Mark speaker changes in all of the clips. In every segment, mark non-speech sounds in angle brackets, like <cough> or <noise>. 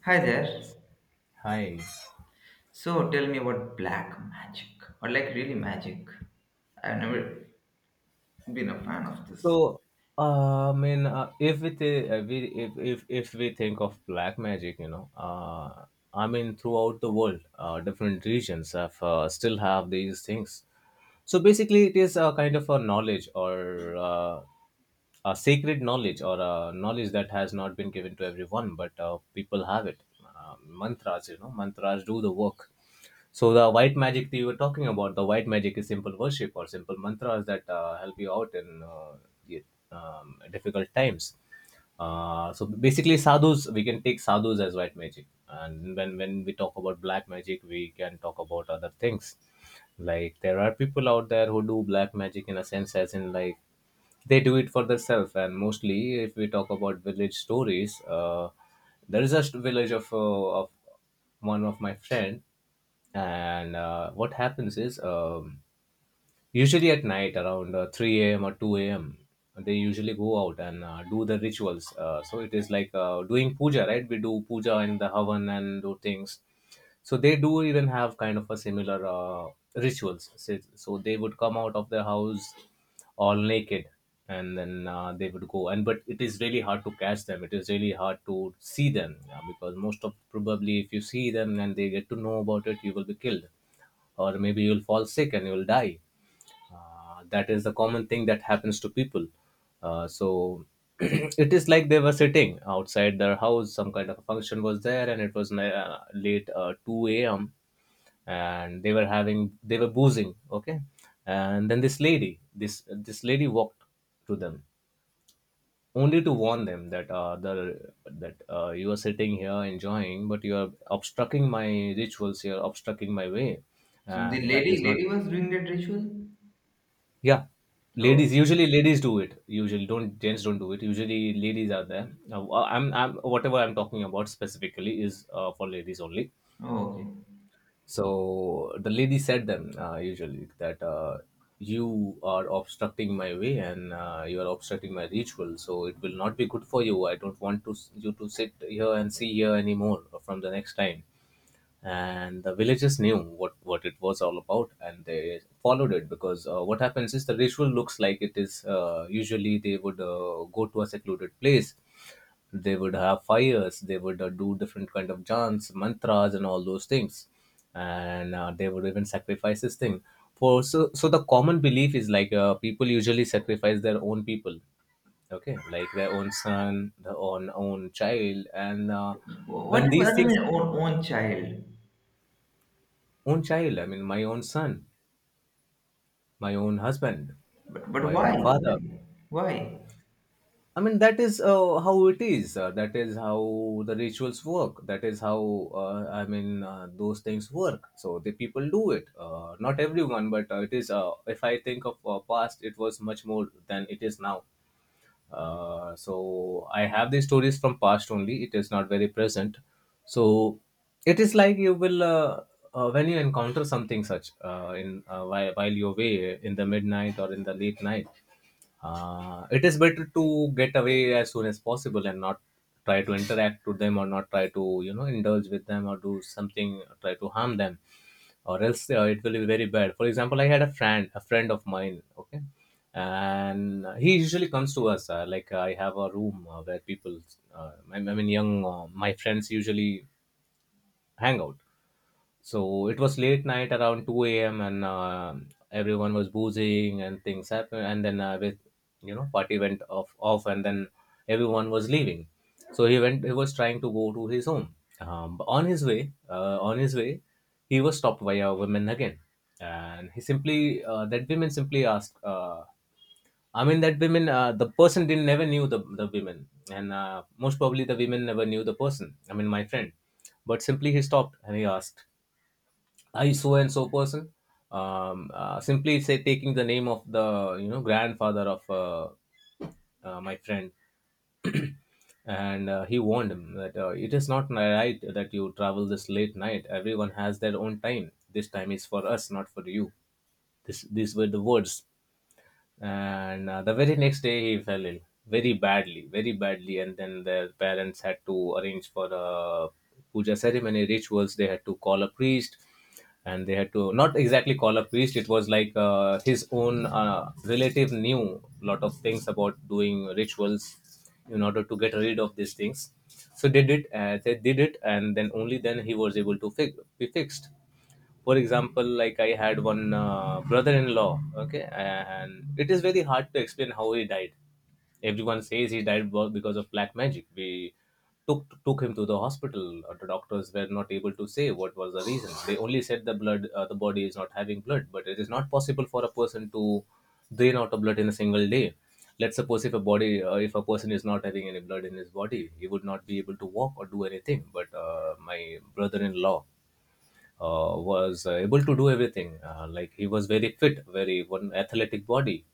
Speaker 1: Hi there.
Speaker 2: Hi.
Speaker 1: So tell me about black magic or like really magic. I've never been a fan of this.
Speaker 2: So, if we, th- we if we think of black magic, throughout the world, different regions have still have these things. So basically, it is a kind of a knowledge or a sacred knowledge or a knowledge that has not been given to everyone, but people have it. Mantras, you know, mantras do the work. So the white magic that you were talking about, the white magic is simple worship or simple mantras that help you out in y- difficult times. So basically, sadhus, we can take sadhus as white magic, and when we talk about black magic, we can talk about other things. Like there are people out there who do black magic in a sense, as in like they do it for themselves. And mostly if we talk about village stories, there is a village of one of my friend. And what happens is usually at night around 3 a.m. or 2 a.m., they usually go out and do the rituals. So it is like doing puja, right? We do puja and the havan and do things. So they do even have kind of a similar rituals. So they would come out of their house all naked, and then they would go. And but it is really hard to catch them, it is really hard to see them, yeah, because most of probably if you see them and they get to know about it, you will be killed, or maybe you'll fall sick and you'll die. That is a common thing that happens to people. So <clears throat> it is like they were sitting outside their house, some kind of a function was there, and it was late, 2 a.m., and they were having, they were boozing, okay. And then this lady walked to them only to warn them that, the that you are sitting here enjoying but you are obstructing my rituals, you are obstructing my way.
Speaker 1: So the
Speaker 2: And that
Speaker 1: lady
Speaker 2: is not—
Speaker 1: lady was doing that ritual?
Speaker 2: Yeah,
Speaker 1: Oh,
Speaker 2: ladies, usually ladies do it. Usually, don't— gents don't do it. Usually, ladies are there. Now, I'm whatever I'm talking about specifically is for ladies only.
Speaker 1: oh, okay.
Speaker 2: So the lady said them usually that, you are obstructing my way, and you are obstructing my ritual. So it will not be good for you. I don't want you to sit here and see here anymore from the next time. And the villagers knew what it was all about, and they followed it, because what happens is the ritual looks like it is, usually they would go to a secluded place, they would have fires, they would do different kind of chants, mantras, and all those things. And they would even sacrifice this thing. For so so the common belief is like, people usually sacrifice their own people, okay, like their own son, their own child. And
Speaker 1: What
Speaker 2: when
Speaker 1: if
Speaker 2: these
Speaker 1: I
Speaker 2: things—
Speaker 1: mean own child?
Speaker 2: own child, I mean my own son, my own husband,
Speaker 1: But
Speaker 2: my own
Speaker 1: why?
Speaker 2: father.
Speaker 1: Why? Why?
Speaker 2: I mean, that is how it is, that is how the rituals work, that is how, I mean, those things work. So the people do it, not everyone, but it is— if I think of past, it was much more than it is now. So I have the stories from past only. It is not very present. So it is like you will, when you encounter something such, in while, you're away in the midnight or in the late night, it is better to get away as soon as possible, and not try to interact with them, or not try to, you know, indulge with them, or do something, try to harm them, or else it will be very bad. For example, I had a friend, a friend of mine, okay. And he usually comes to us, I have a room where people, I mean young, my friends usually hang out. So it was late night around 2 a.m. and everyone was boozing and things happened. And then with, you know, party went off, and then everyone was leaving. So he went, he was trying to go to his home. But on his way, he was stopped by a woman again. And he simply, that woman simply asked, I mean, that women, the person didn't never knew the women. And most probably the women never knew the person. I mean, my friend. But simply he stopped and he asked, I so and so person. Simply say, taking the name of the, you know, grandfather of, my friend, and he warned him that, it is not right that you travel this late night. Everyone has their own time. This time is for us, not for you. This these were the words. And the very next day, he fell ill, very badly, very badly. And then the parents had to arrange for a puja ceremony, rituals. They had to call a priest. And they had to— not exactly call a priest, it was like his own relative knew lot of things about doing rituals in order to get rid of these things. So they did, they did it. And then only then he was able to be fixed. For example, like I had one brother-in-law, okay. And it is very hard to explain how he died. Everyone says he died because of black magic. We took him to the hospital. The doctors were not able to say what was the reason. They only said the blood, the body is not having blood. But it is not possible for a person to drain out of blood in a single day. Let's suppose, if a body, if a person is not having any blood in his body, he would not be able to walk or do anything. But my brother-in-law was able to do everything. Like he was very fit, very one athletic body.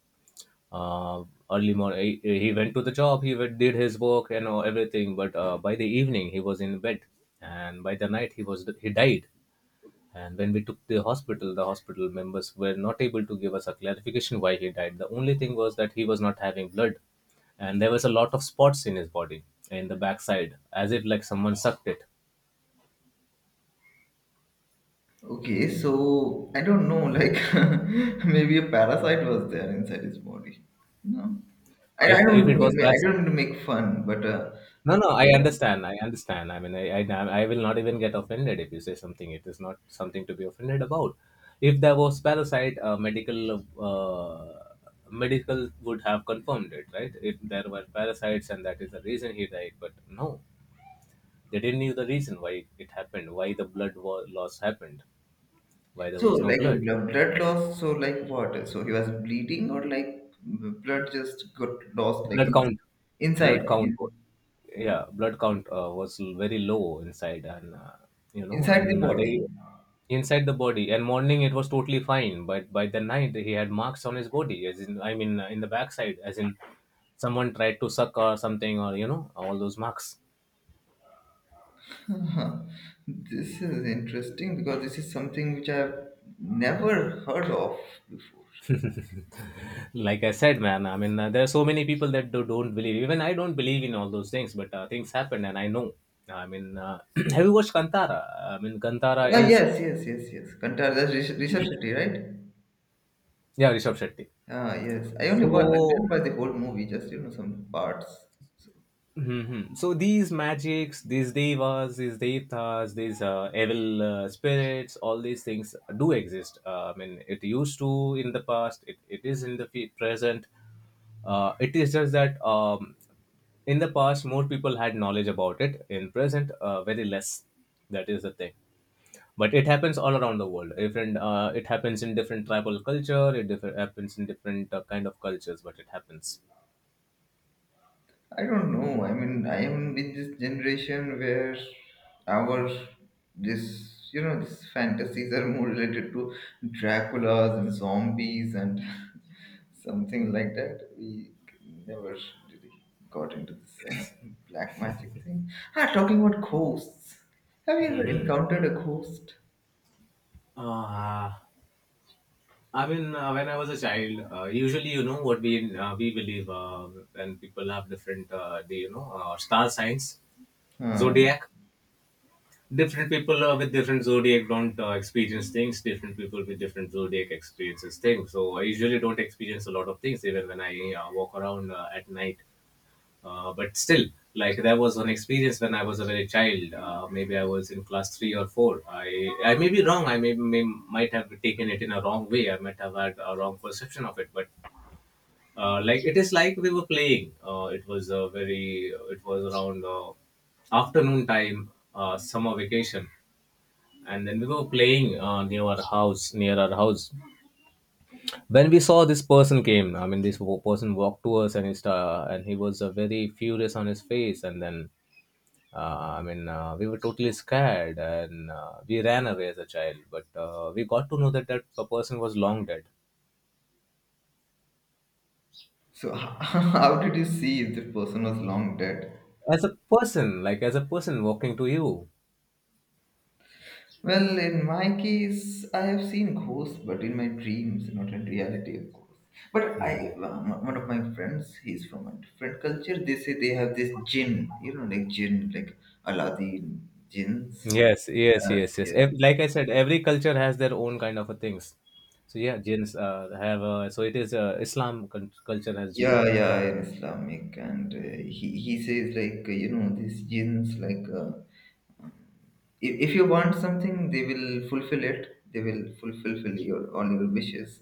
Speaker 2: Uh, Early morning, he went to the job, he did his work and all everything. But by the evening, he was in bed, and by the night, he died. And when we took the hospital members were not able to give us a clarification why he died. The only thing was that he was not having blood, and there was a lot of spots in his body in the backside, as if like someone sucked it.
Speaker 1: Okay, so I don't know, like <laughs> maybe a parasite was there inside his body. No. I don't
Speaker 2: If it was
Speaker 1: I
Speaker 2: parasite.
Speaker 1: don't mean to make fun, but
Speaker 2: No, no,
Speaker 1: like,
Speaker 2: I
Speaker 1: uh,
Speaker 2: understand. I understand. I mean, I will not even get offended if you say something. It is not something to be offended about. If there was parasite, medical would have confirmed it, right? If there were parasites and that is the reason he died. But no, they didn't knew the reason why it happened, why the loss happened, why there
Speaker 1: So,
Speaker 2: was no
Speaker 1: like a
Speaker 2: blood.
Speaker 1: blood loss, so like what? So he was bleeding, or like blood just got lost, like
Speaker 2: Blood count.
Speaker 1: inside,
Speaker 2: Blood count yeah, blood count was very low inside. And
Speaker 1: inside the
Speaker 2: they—
Speaker 1: body.
Speaker 2: inside the body. And morning it was totally fine, but by the night he had marks on his body, as in, I mean, in the backside, as in someone tried to suck or something, or you know, all those marks.
Speaker 1: Huh. This is interesting because this is something which I've never heard of before. Like,
Speaker 2: <laughs> Like I said, man, I mean, there are so many people that do, don't believe. Even I don't believe in all those things, but things happen and I know. i mean uh, <clears throat> have you watched Kantara? I mean Kantara
Speaker 1: ah,
Speaker 2: is—
Speaker 1: yes, yes, yes, yes. Kantar, that's Rishabh Shetty, right?
Speaker 2: yeah, Rishabh Shetty.
Speaker 1: Ah, yes. I only wa I didn't
Speaker 2: So,
Speaker 1: watch the whole movie, just you know some parts. So,
Speaker 2: mhm. So these magics, these devas, these devatas, these evil spirits, all these things do exist. I mean, it used to in the past. It is in the present. It is just that in the past, more people had knowledge about it. In present, very less. That is the thing. But it happens all around the world. Different. It happens in different tribal culture. It happens in different kind of cultures. But it happens.
Speaker 1: I don't know. I mean, I am in this generation where our this you know these fantasies are more related to Draculas and zombies and <laughs> something like that. We never really got into this black magic thing. Ah, talking about ghosts. Have you ever encountered a ghost?
Speaker 2: Ah. I mean, when I was a child, usually you know what we believe, when people have different, the you know star signs,
Speaker 1: Huh.
Speaker 2: zodiac. Different people with different zodiac don't experience things. Different people with different zodiac experiences things. So I usually don't experience a lot of things even when I walk around at night. But still, like there was an experience when I was a very child. Maybe I was in class three or four. I may be wrong. I may might have taken it in a wrong way. I might have had a wrong perception of it. But like it is like we were playing. It was a very. It was around afternoon time, summer vacation, and then we were playing near our house. Near our house, when we saw this person came. I mean, this person walked to us and he was very furious on his face, and then I mean, we were totally scared and we ran away as a child, but we got to know that a person was long dead.
Speaker 1: So <laughs> how did you see if the person was long dead?
Speaker 2: As a person, like as a person walking to you.
Speaker 1: Well, in my case, I have seen ghosts, but in my dreams, not in reality, of course. But
Speaker 2: Hmm.
Speaker 1: I, one of my friends, he's from a different culture. They say they have this jinn, you know, like jinn, like Aladdin jinns.
Speaker 2: Yes, yes,
Speaker 1: Yes,
Speaker 2: yes, yes.
Speaker 1: yes.
Speaker 2: Like I said, every culture has their own kind of a things. So yeah, jinns have, so it is, Islam culture has jinn.
Speaker 1: Yeah, yeah, in Islamic, and he says like you know these jinns like. If you want something, they will fulfill it, they will fulfill your all your wishes,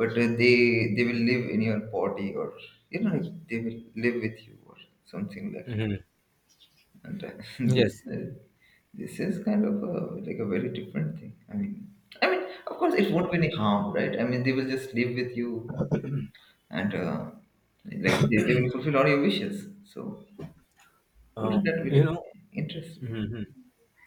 Speaker 1: but they will live in your body or you know like, they will live with you or something like that.
Speaker 2: Hmm.
Speaker 1: And <laughs> this
Speaker 2: Yes.
Speaker 1: this is kind of a, like a very different thing. I mean of course it won't be any harm, right? I mean they will just live with you, and like they will fulfill all your wishes. So
Speaker 2: Uh,
Speaker 1: wouldn't that be
Speaker 2: you
Speaker 1: like
Speaker 2: know.
Speaker 1: interesting?
Speaker 2: Hmm.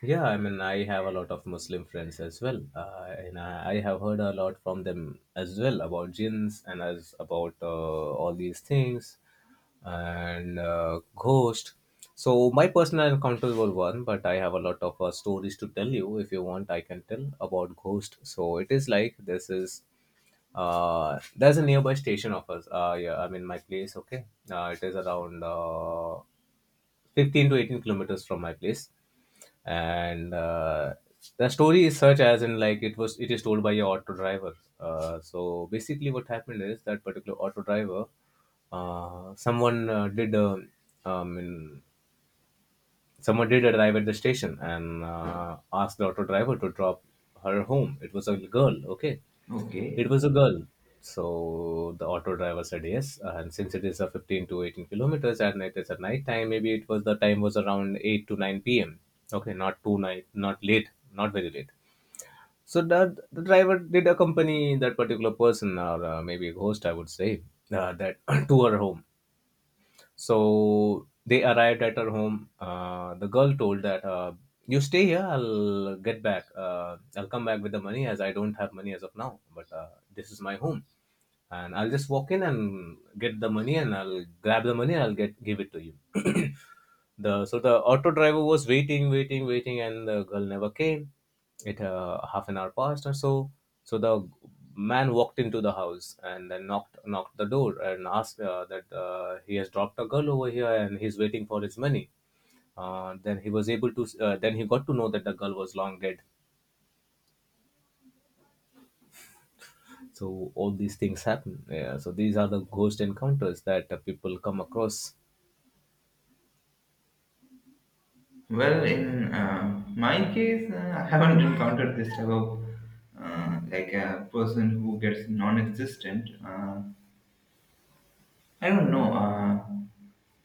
Speaker 2: Yeah, I mean, I have a lot of Muslim friends as well, and I have heard a lot from them as well about jinns and as about all these things and ghost. So my personal encounters were one, but I have a lot of stories to tell you. If you want, I can tell about ghost. So it is like, this is, there's a nearby station of us. Yeah, I mean, my place. Okay, it is around, 15 to 18 kilometers from my place. And the story is such as in, like, it is told by a auto driver. So basically what happened is that particular auto driver, uh, someone uh, did uh, um, in, someone did arrive at the station and asked the auto driver to drop her home. It was a girl. Okay.
Speaker 1: Okay.
Speaker 2: It was a girl. So the auto driver said yes. And since it is a 15 to 18 kilometers and it is at night time, maybe it was the time was around 8 to 9 p.m. Okay, not too night, not late, not very late. So the driver did accompany that particular person or, maybe a host, I would say, that <coughs> <clears throat> to her home. So they arrived at her home. The girl told that, "You stay here. I'll get back. I'll come back with the money as I don't have money as of now. But this is my home, and I'll just walk in and get the money, and I'll grab the money, and I'll get give it to you." <clears throat> the So the auto driver was waiting, waiting, waiting, and the girl never came. It Half an hour passed or so. So the man walked into the house and then knocked the door and asked, that he has dropped a girl over here and he's waiting for his money. Then he got to know that the girl was long dead. So all these things happen, yeah, so these are the ghost encounters that people come across.
Speaker 1: Well, in my case, I haven't encountered this type of like a person who gets non-existent. I don't know.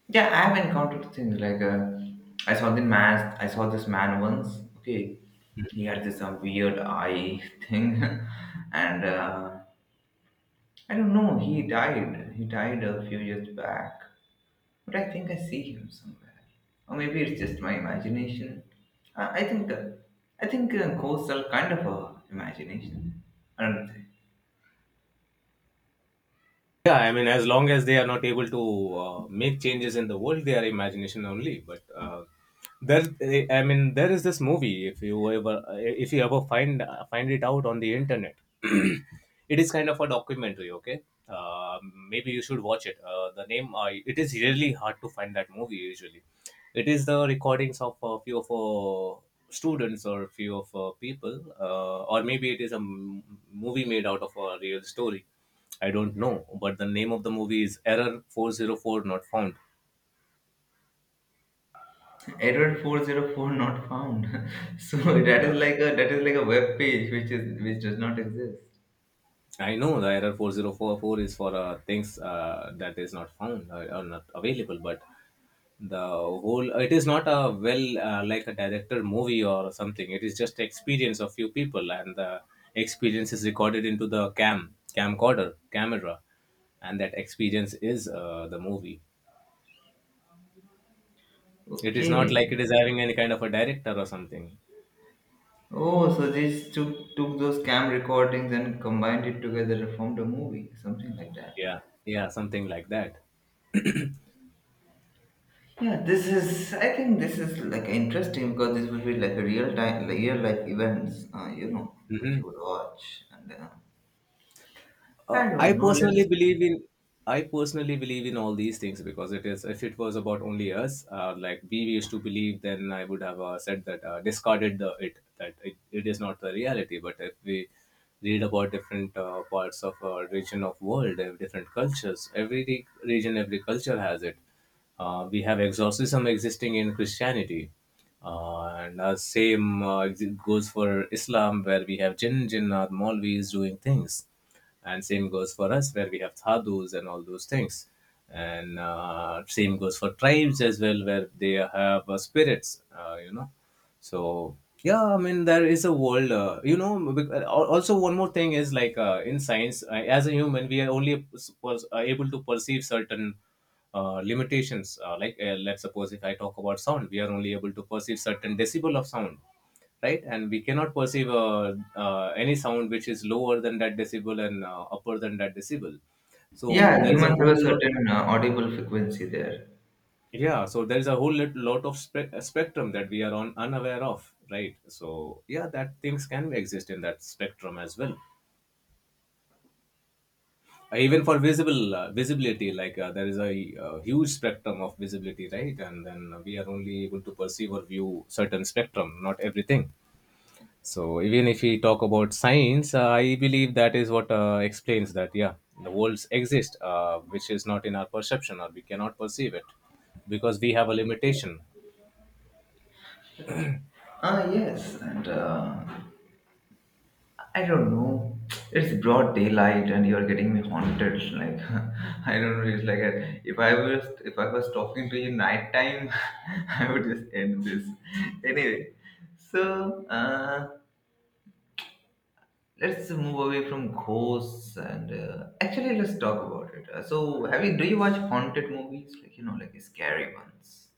Speaker 1: Yeah, I have encountered things like I saw the mask. I saw this man once. Okay, he had this weird eye <laughs> thing, and I don't know. He died. He died a few years back. But I think I see him somewhere, or maybe it's just my imagination. Uh, I think uh, I think ghosts are kind of a imagination, aren't they?
Speaker 2: Yeah, I mean, as long as they are not able to make changes in the world, they are imagination only. But I mean, there is this movie. If you ever find it out on the internet, <clears throat> it is kind of a documentary. Okay, uh, maybe you should watch it. The name, it is really hard to find that movie. Usually, it is the recordings of a few of students, or a few of people, or maybe it is a movie made out of a real story. I don't know, but the name of the movie is Error 404 Not Found.
Speaker 1: Edward 404 not found. <laughs> So that is
Speaker 2: Yeah,
Speaker 1: like a, that is like a web page which is which does not exist.
Speaker 2: I know the Error 4044 is for things that is not found, or not available, but the whole it is not a well, like a director movie or something. It is just the experience of few people, and the experience is recorded into the camera, and that experience is the movie. It is not
Speaker 1: Okay.
Speaker 2: like it is having any kind of a director or something.
Speaker 1: Oh, so they just took those cam recordings and combined it together and formed a movie, something like that.
Speaker 2: Yeah, yeah, something like that.
Speaker 1: Yeah, this is. I think this is like interesting because this would be like a real time, like real life events. You know, which
Speaker 2: Hmm.
Speaker 1: you would watch, and I
Speaker 2: uh, I
Speaker 1: don't know.
Speaker 2: personally
Speaker 1: Let's.
Speaker 2: believe in I personally believe in all these things, because it is, if it was about only us, like we used to believe, then I would have said that, discarded the it that it is not the reality. But if we read about different parts of, region of world, different cultures, every region, every culture has it. We have exorcism existing in Christianity. And same goes for Islam, where we have or Maulvis doing things, and same goes for us where we have sadhus and all those things, and same goes for tribes as well, where they have spirits, you know. So yeah, I mean, there is a world, you know. Also, one more thing is like, in science, as a human, we are only able to perceive certain limitations. Like, let's suppose if I talk about sound, we are only able to perceive certain decibel of sound, right? And we cannot perceive any sound which is lower than that decibel and upper than that decibel. So
Speaker 1: Yeah,
Speaker 2: there is a
Speaker 1: humans have
Speaker 2: whole
Speaker 1: a
Speaker 2: lot,
Speaker 1: certain audible frequency there.
Speaker 2: yeah. So there is a whole lot of spectrum that we are on unaware of, right? So yeah, that things can exist in that spectrum as well. Even for visible visibility, like, there is a huge spectrum of visibility, right? And then we are only able to perceive or view certain spectrum, not everything. So even if we talk about science, I believe that is what explains that, yeah, the worlds exist, which is not in our perception or we cannot perceive it, because we have a limitation.
Speaker 1: Ah, yes, and I don't know. It's broad daylight, and you're getting me haunted. Like <laughs> I don't know. It's like if I was, if I was talking to you nighttime, <laughs> I would just end this. Anyway, so. Let's move away from ghosts and actually let's talk about it. So, have you do you watch haunted movies? Like you know, like scary ones.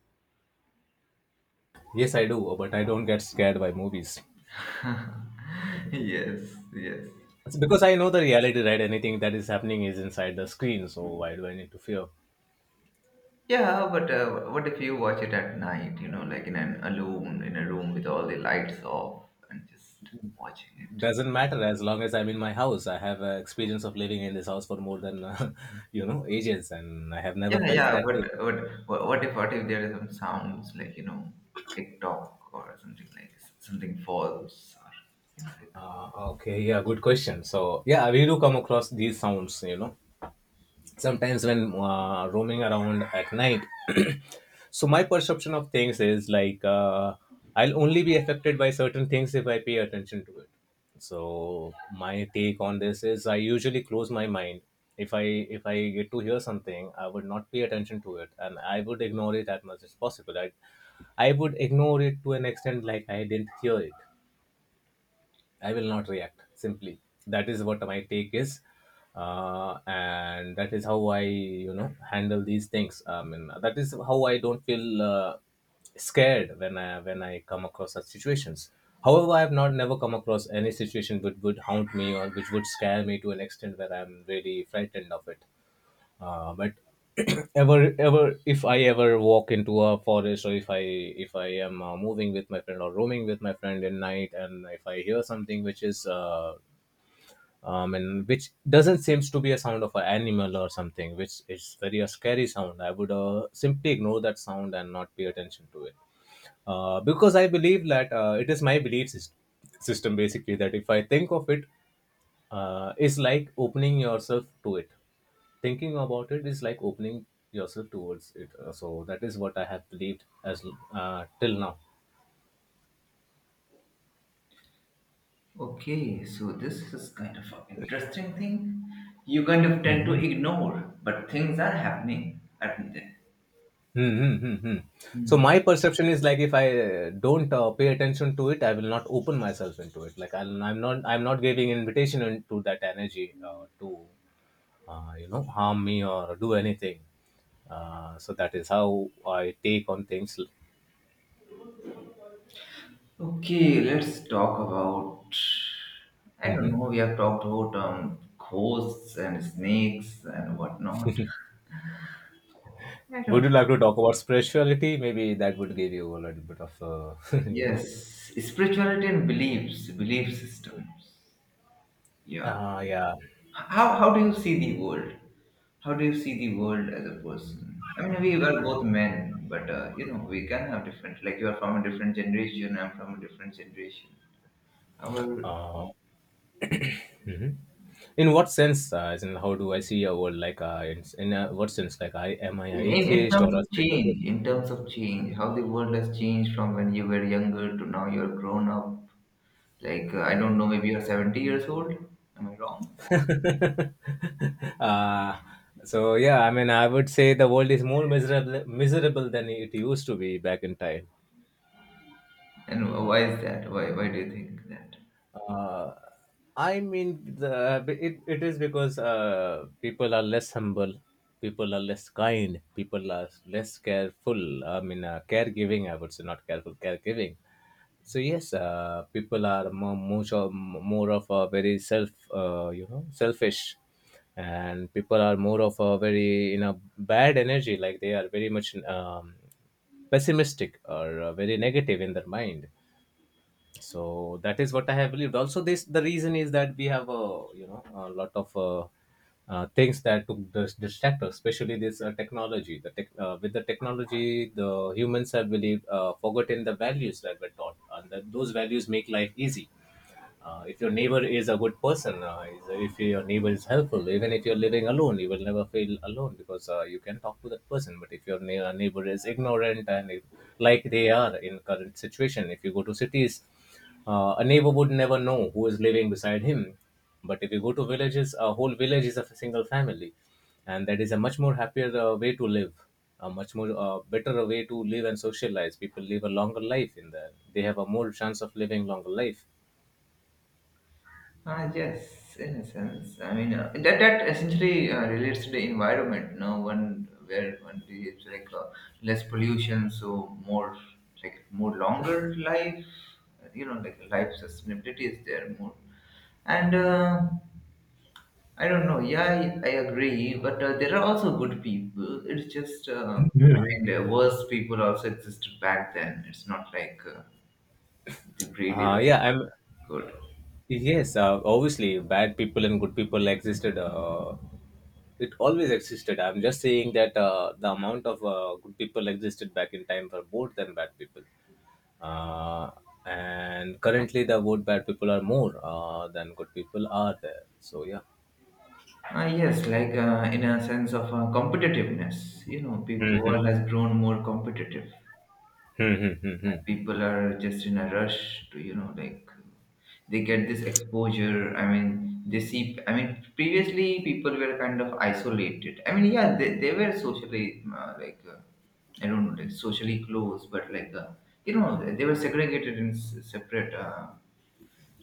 Speaker 2: Yes, I do, but I don't get scared by movies.
Speaker 1: <laughs> Yes, yes.
Speaker 2: It's because I know the reality, right? Anything that is happening is inside the screen, so why do I need to fear?
Speaker 1: Yeah, but what if you watch it at night? You know, like in an alone in a room with all the lights off and just watching it.
Speaker 2: Doesn't matter as long as I'm in my house. I have experience of living in this house for more than <laughs> ages, and I have never
Speaker 1: Yeah,
Speaker 2: felt
Speaker 1: yeah.
Speaker 2: that way.
Speaker 1: But what if, what if there are some sounds like you know, tick tock or something, like something falls or you know like
Speaker 2: Okay, yeah, good question. So, yeah, we do come across these sounds, you know, sometimes when roaming around at night. <clears throat> So, my perception of things is like, I'll only be affected by certain things if I pay attention to it. So, my take on this is, I usually close my mind. If I if I get to hear something, I would not pay attention to it, and I would ignore it as much as possible. I would ignore it to an extent like I didn't hear it. I will not react. Simply, that is what my take is, and that is how I, you know, handle these things. I mean, that is how I don't feel scared when I come across such situations. However, I have not never come across any situation which would haunt me or which would scare me to an extent where I'm really frightened of it, but <clears throat> ever ever if I ever walk into a forest, or if I am moving with my friend or roaming with my friend in night, and if I hear something which is, and which doesn't seems to be a sound of an animal or something which is very a scary sound, I would simply ignore that sound and not pay attention to it, because I believe that, it is my belief system, basically, that if I think of it, is like opening yourself to it. Thinking about it is like opening yourself towards it. So that is what I have believed as, till now.
Speaker 1: Okay, so this is kind of an interesting thing. You kind of tend to
Speaker 2: Mhm.
Speaker 1: ignore, but things are happening, aren't they?
Speaker 2: Mhm, mhm, mhm. So
Speaker 1: Hmm.
Speaker 2: my perception is like, if I don't pay attention to it, I will not open myself into it. Like, I'm not giving invitation into that energy to, you know, harm me or do anything. So that is how I take on things.
Speaker 1: Okay, let's talk about. I don't
Speaker 2: Mhm.
Speaker 1: know. We have talked about ghosts and snakes and whatnot. I
Speaker 2: Would
Speaker 1: don't.
Speaker 2: you like to talk about spirituality? Maybe that would give you a little bit of, <laughs> you know.
Speaker 1: Yes, spirituality and beliefs, belief systems. Yeah.
Speaker 2: Yeah.
Speaker 1: How do you see the world? How do you see the world as a person? I mean, we were both men, but you know, we can have different. Like you are from a different generation, I'm from a different generation. Our
Speaker 2: Uh, mhm. In what sense? As in, how do I see a world? Like, in what sense? Like, I am I an
Speaker 1: in
Speaker 2: atheist
Speaker 1: terms
Speaker 2: or a
Speaker 1: of
Speaker 2: spiritual
Speaker 1: change, in terms of change, how the world has changed from when you were younger to now you're grown up. Like I don't know, maybe you're 70 years old. Am I wrong?
Speaker 2: person? <laughs> uh, so yeah, I mean, I would say the world is more miserable than it used to be back in time.
Speaker 1: And why is that? Why do you think that?
Speaker 2: Uh, I mean, it is because people are less humble, people are less kind, people are less careful. I mean, caregiving, I would say, not careful, caregiving. So, yes, people are more, much of, more of a very self, you know, selfish. And people are more of a very, you know, bad energy, like they are very much pessimistic or very negative in their mind, so that is what I have believed. Also, this the reason is that we have, a you know, a lot of things that took distract us, especially this technology. The with the technology, the humans have believed, forgotten the values that were taught, and that those values make life easy. If your neighbor is a good person, if your neighbor is helpful, even if you're living alone, you will never feel alone because you can talk to that person. But if your neighbor is ignorant, and if, like they are in current situation, if you go to cities, a neighbor would never know who is living beside him. But if you go to villages, a whole village is a single family, and that is a much more happier way to live, a much more better way to live and socialize. People live a longer life in there. They have a more chance of living longer life.
Speaker 1: Ah, yes, in a sense. I mean, that essentially relates to the environment. No one where one lives like less pollution, so more like more longer life. You know, like life sustainability is there more. And I don't know. Yeah, I agree. But there are also good people. It's just I mean, the worse people also existed back then. It's not like the breed is
Speaker 2: Yeah,
Speaker 1: always
Speaker 2: I'm.
Speaker 1: good.
Speaker 2: Yes, obviously, bad people and good people existed. It always existed. I'm just saying that the amount of good people existed back in time were more than bad people, uh, and currently the good bad people are more than good people are there. So yeah.
Speaker 1: Yes, like in a sense of competitiveness, you know,
Speaker 2: hmm
Speaker 1: people
Speaker 2: hmm
Speaker 1: world has grown more competitive.
Speaker 2: hmm
Speaker 1: And
Speaker 2: hmm
Speaker 1: people are just in a rush to, you know, like they get this exposure. I mean, they see. I mean, previously people were kind of isolated. I mean, yeah, they were socially like I don't know, like socially close, but like you know, they were segregated in separate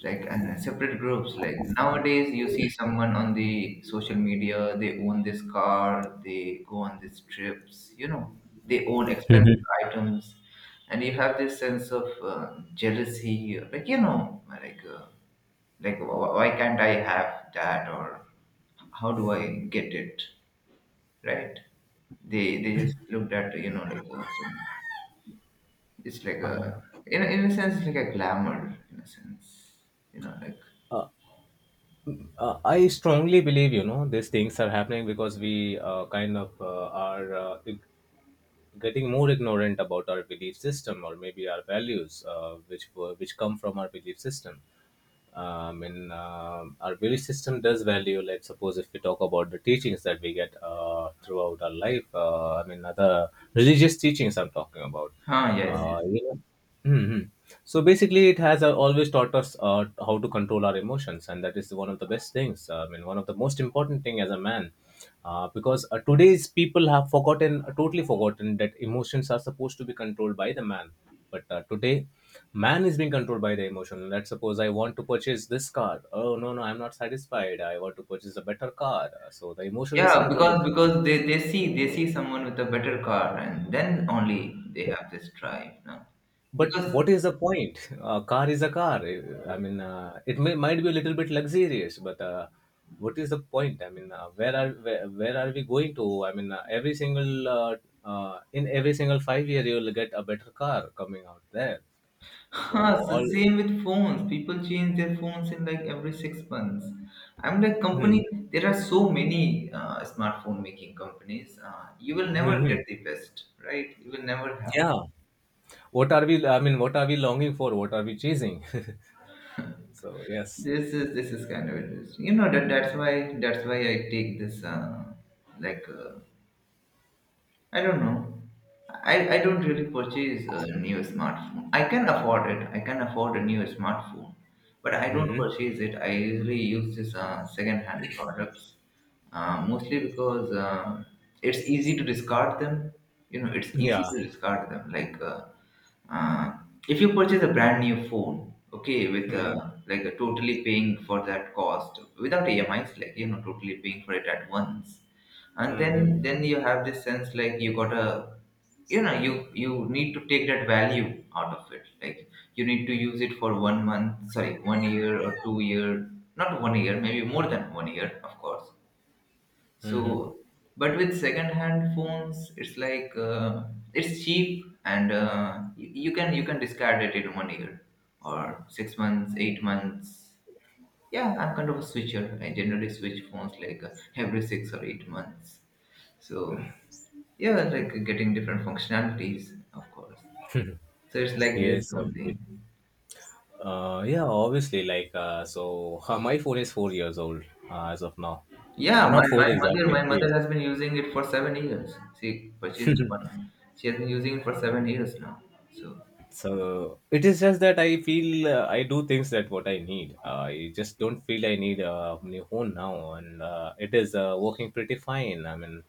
Speaker 1: right, and separate groups. Like nowadays you see someone on the social media, they own this car, they go on these trips, you know, they own
Speaker 2: Mhm.
Speaker 1: expensive items, and you have this sense of jealousy, like you know like why can't I have that, or how do I get it, right? They just looked at, you know, like some, it's like a
Speaker 2: uh,
Speaker 1: in a sense, it's like a glamour in a sense, you know, like
Speaker 2: uh, I strongly believe, you know, these things are happening because we kind of are getting more ignorant about our belief system, or maybe our values which were, which come from our belief system. In our belief system does value, like suppose if we talk about the teachings that we get throughout our life. I mean, other religious teachings I'm talking about.
Speaker 1: huh, yes,
Speaker 2: uh,
Speaker 1: yes.
Speaker 2: you know, hmm hmm. So basically, it has always taught us how to control our emotions, and that is one of the best things. I mean, one of the most important thing as a man, because today's people have forgotten, totally forgotten that emotions are supposed to be controlled by the man. But today, man is being controlled by the emotion. Let's suppose I want to purchase this car. Oh no, no, I'm not satisfied. I want to purchase a better car. So the emotion is
Speaker 1: Yeah,
Speaker 2: controlling
Speaker 1: because
Speaker 2: the man.
Speaker 1: they see, someone with a better car, and then only they have this drive now.
Speaker 2: But
Speaker 1: Because
Speaker 2: what is the point? A car is a car. I mean, it may might be a little bit luxurious, but what is the point? I mean, where are we going to? I mean, every single in every single 5 years you will get a better car coming out there.
Speaker 1: <laughs>
Speaker 2: So
Speaker 1: huh, so
Speaker 2: all,
Speaker 1: same with phones. People change their phones in like every 6 months. I'm like
Speaker 2: hmm
Speaker 1: company. There are so many smartphone making companies. You will never
Speaker 2: hmm
Speaker 1: get
Speaker 2: hmm.
Speaker 1: the best, right? You will never have it.
Speaker 2: Yeah. What are we? I mean, what are we longing for? What are we chasing? <laughs> So yes,
Speaker 1: This is kind of interesting. You know that's why I take this like I don't know. I don't really purchase a new smartphone. I can afford it. I can afford a new smartphone, but I don't
Speaker 2: hmm
Speaker 1: purchase it. I usually use this second-hand products, mostly because it's easy to discard them. You know, it's easy
Speaker 2: yeah.
Speaker 1: to discard them. Like uh, if you purchase a brand new phone, okay, with
Speaker 2: hmm hmm
Speaker 1: like a totally paying for that cost without emis, like you know totally paying for it at once, and
Speaker 2: hmm
Speaker 1: then
Speaker 2: hmm.
Speaker 1: then you have this sense like you gotta you know you need to take that value out of it, like you need to use it for 1 month, sorry, 1 year or 2 year, not 1 year, maybe more than 1 year, of course,
Speaker 2: Hmm, hmm.
Speaker 1: so, but with second-hand phones, it's like it's cheap, and you can discard it in 1 year or 6 months, 8 months. Yeah, I'm kind of a switcher. I generally switch phones like every 6 or 8 months. So yeah, like getting different functionalities, of course. So it's like this
Speaker 2: Yes, obviously.
Speaker 1: only.
Speaker 2: Yeah, obviously. Like, so <laughs> my phone is 4 years old as of now.
Speaker 1: Yeah,
Speaker 2: Not
Speaker 1: my,
Speaker 2: four
Speaker 1: my mother,
Speaker 2: exactly, it's 3 years.
Speaker 1: has been using it for 7 years. She purchased one. She has been using it for 7 years now. So.
Speaker 2: So it is just that I feel, I do things that what I need. I just don't feel I need a new phone now, and it is working pretty fine. I mean,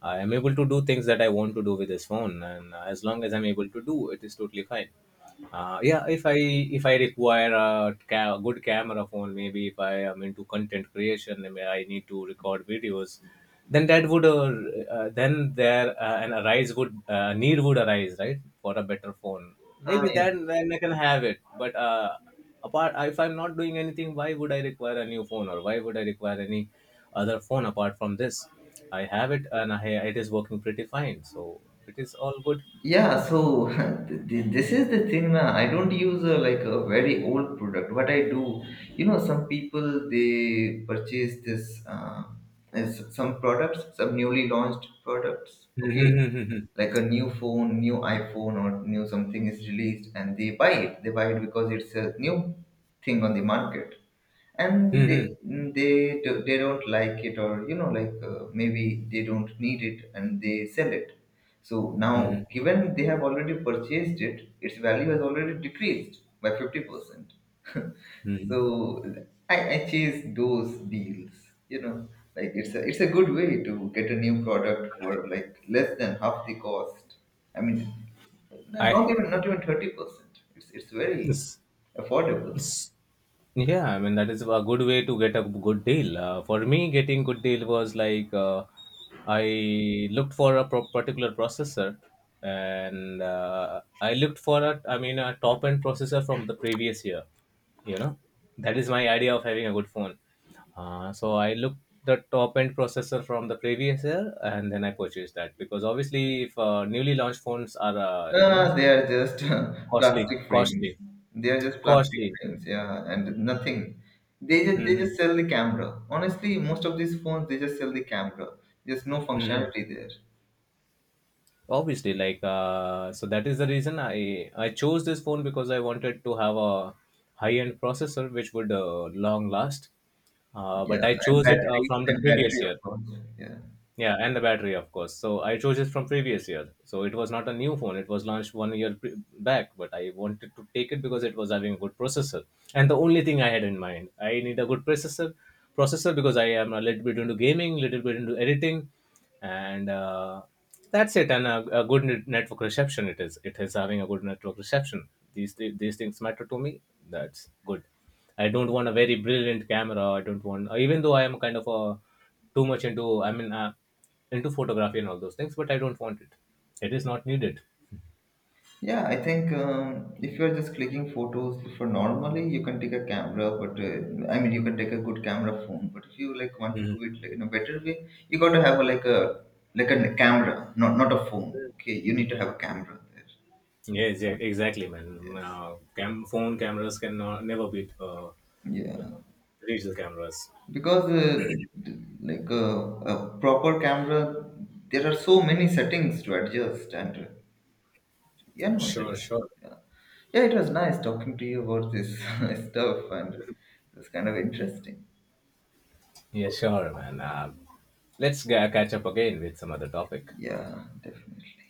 Speaker 2: I am able to do things that I want to do with this phone, and as long as I'm able to do, it is totally fine. Yeah, if I require a good camera phone, maybe if I am into content creation, and I need to record videos, then that would then there an arise would need would arise, right, for a better phone. Maybe
Speaker 1: Yeah.
Speaker 2: then I can have it. But apart, if I'm not doing anything, why would I require a new phone, or why would I require any other phone apart from this? I have it, and it is working pretty fine, so it is all good.
Speaker 1: Yeah, so <laughs> th- this is the thing. Na, I don't use a, like a very old product. What I do, you know, some people they purchase this some products, some newly launched products. Okay, like a new phone, new iPhone, or new something is released, and they buy it. They buy it because it's a new thing on the market, and they mm, they they don't like it, or you know like maybe they don't need it, and they sell it. So now
Speaker 2: <laughs>
Speaker 1: given they have already purchased it, its value has already decreased by 50%. <laughs> So
Speaker 2: Hmm.
Speaker 1: I chase those deals, you know, like it's a good way to get a new product for like less than half the cost. I mean,
Speaker 2: I,
Speaker 1: not even 30%, it's very
Speaker 2: s-
Speaker 1: affordable.
Speaker 2: s- yeah, I mean that is a good way to get a good deal. For me, getting good deal was like, I looked for a particular processor, and I looked for a, I mean, a top end processor from the previous year. You know, that is my idea of having a good phone. So I looked the top end processor from the previous year, and then I purchased that because obviously, if newly launched phones are, you know,
Speaker 1: They are just <laughs>
Speaker 2: costly,
Speaker 1: plastic frames.
Speaker 2: costly.
Speaker 1: They are just plastic
Speaker 2: Costly.
Speaker 1: frames, yeah, and nothing. They just
Speaker 2: Mhm.
Speaker 1: sell the camera. Honestly, most of these phones they just sell the camera. There's no
Speaker 2: Mhm.
Speaker 1: functionality there.
Speaker 2: Obviously, like, so that is the reason I chose this phone because I wanted to have a high-end processor which would long last. But
Speaker 1: Yeah,
Speaker 2: I
Speaker 1: and
Speaker 2: chose it
Speaker 1: battery
Speaker 2: from the previous year.
Speaker 1: of course. Yeah,
Speaker 2: Yeah, and the battery, of course. So I chose it from previous year. So it was not a new phone. It was launched one year back, but I wanted to take it because it was having a good processor. And the only thing I had in mind, I need a good processor, processor because I am a little bit into gaming, little bit into editing, and that's it. And a good network reception. It is. It is having a good network reception. These these things matter to me. That's good. I don't want a very brilliant camera. I don't want, even though I am kind of a too much into, I mean, into photography and all those things, but I don't want it. It is not needed.
Speaker 1: yeah. I think if you're just clicking photos for normally, you can take a camera, but I mean you can take a good camera phone. But if you like want to
Speaker 2: Mhm.
Speaker 1: do it like in a better way, you got to have a, like a like a camera, not a phone. Okay, you need to have a camera there.
Speaker 2: Yes, yeah, exactly, man.
Speaker 1: Yes.
Speaker 2: Phone cameras can never beat, you
Speaker 1: Yeah.
Speaker 2: know, digital cameras.
Speaker 1: Because like a proper camera, there are so many settings to adjust, and yeah, no, there
Speaker 2: Sure,
Speaker 1: are-
Speaker 2: sure.
Speaker 1: yeah, yeah. It was nice talking to you about this <laughs> stuff, and it was kind of interesting.
Speaker 2: Yeah, sure, man. Uh, catch up again with some other topic.
Speaker 1: Yeah, definitely.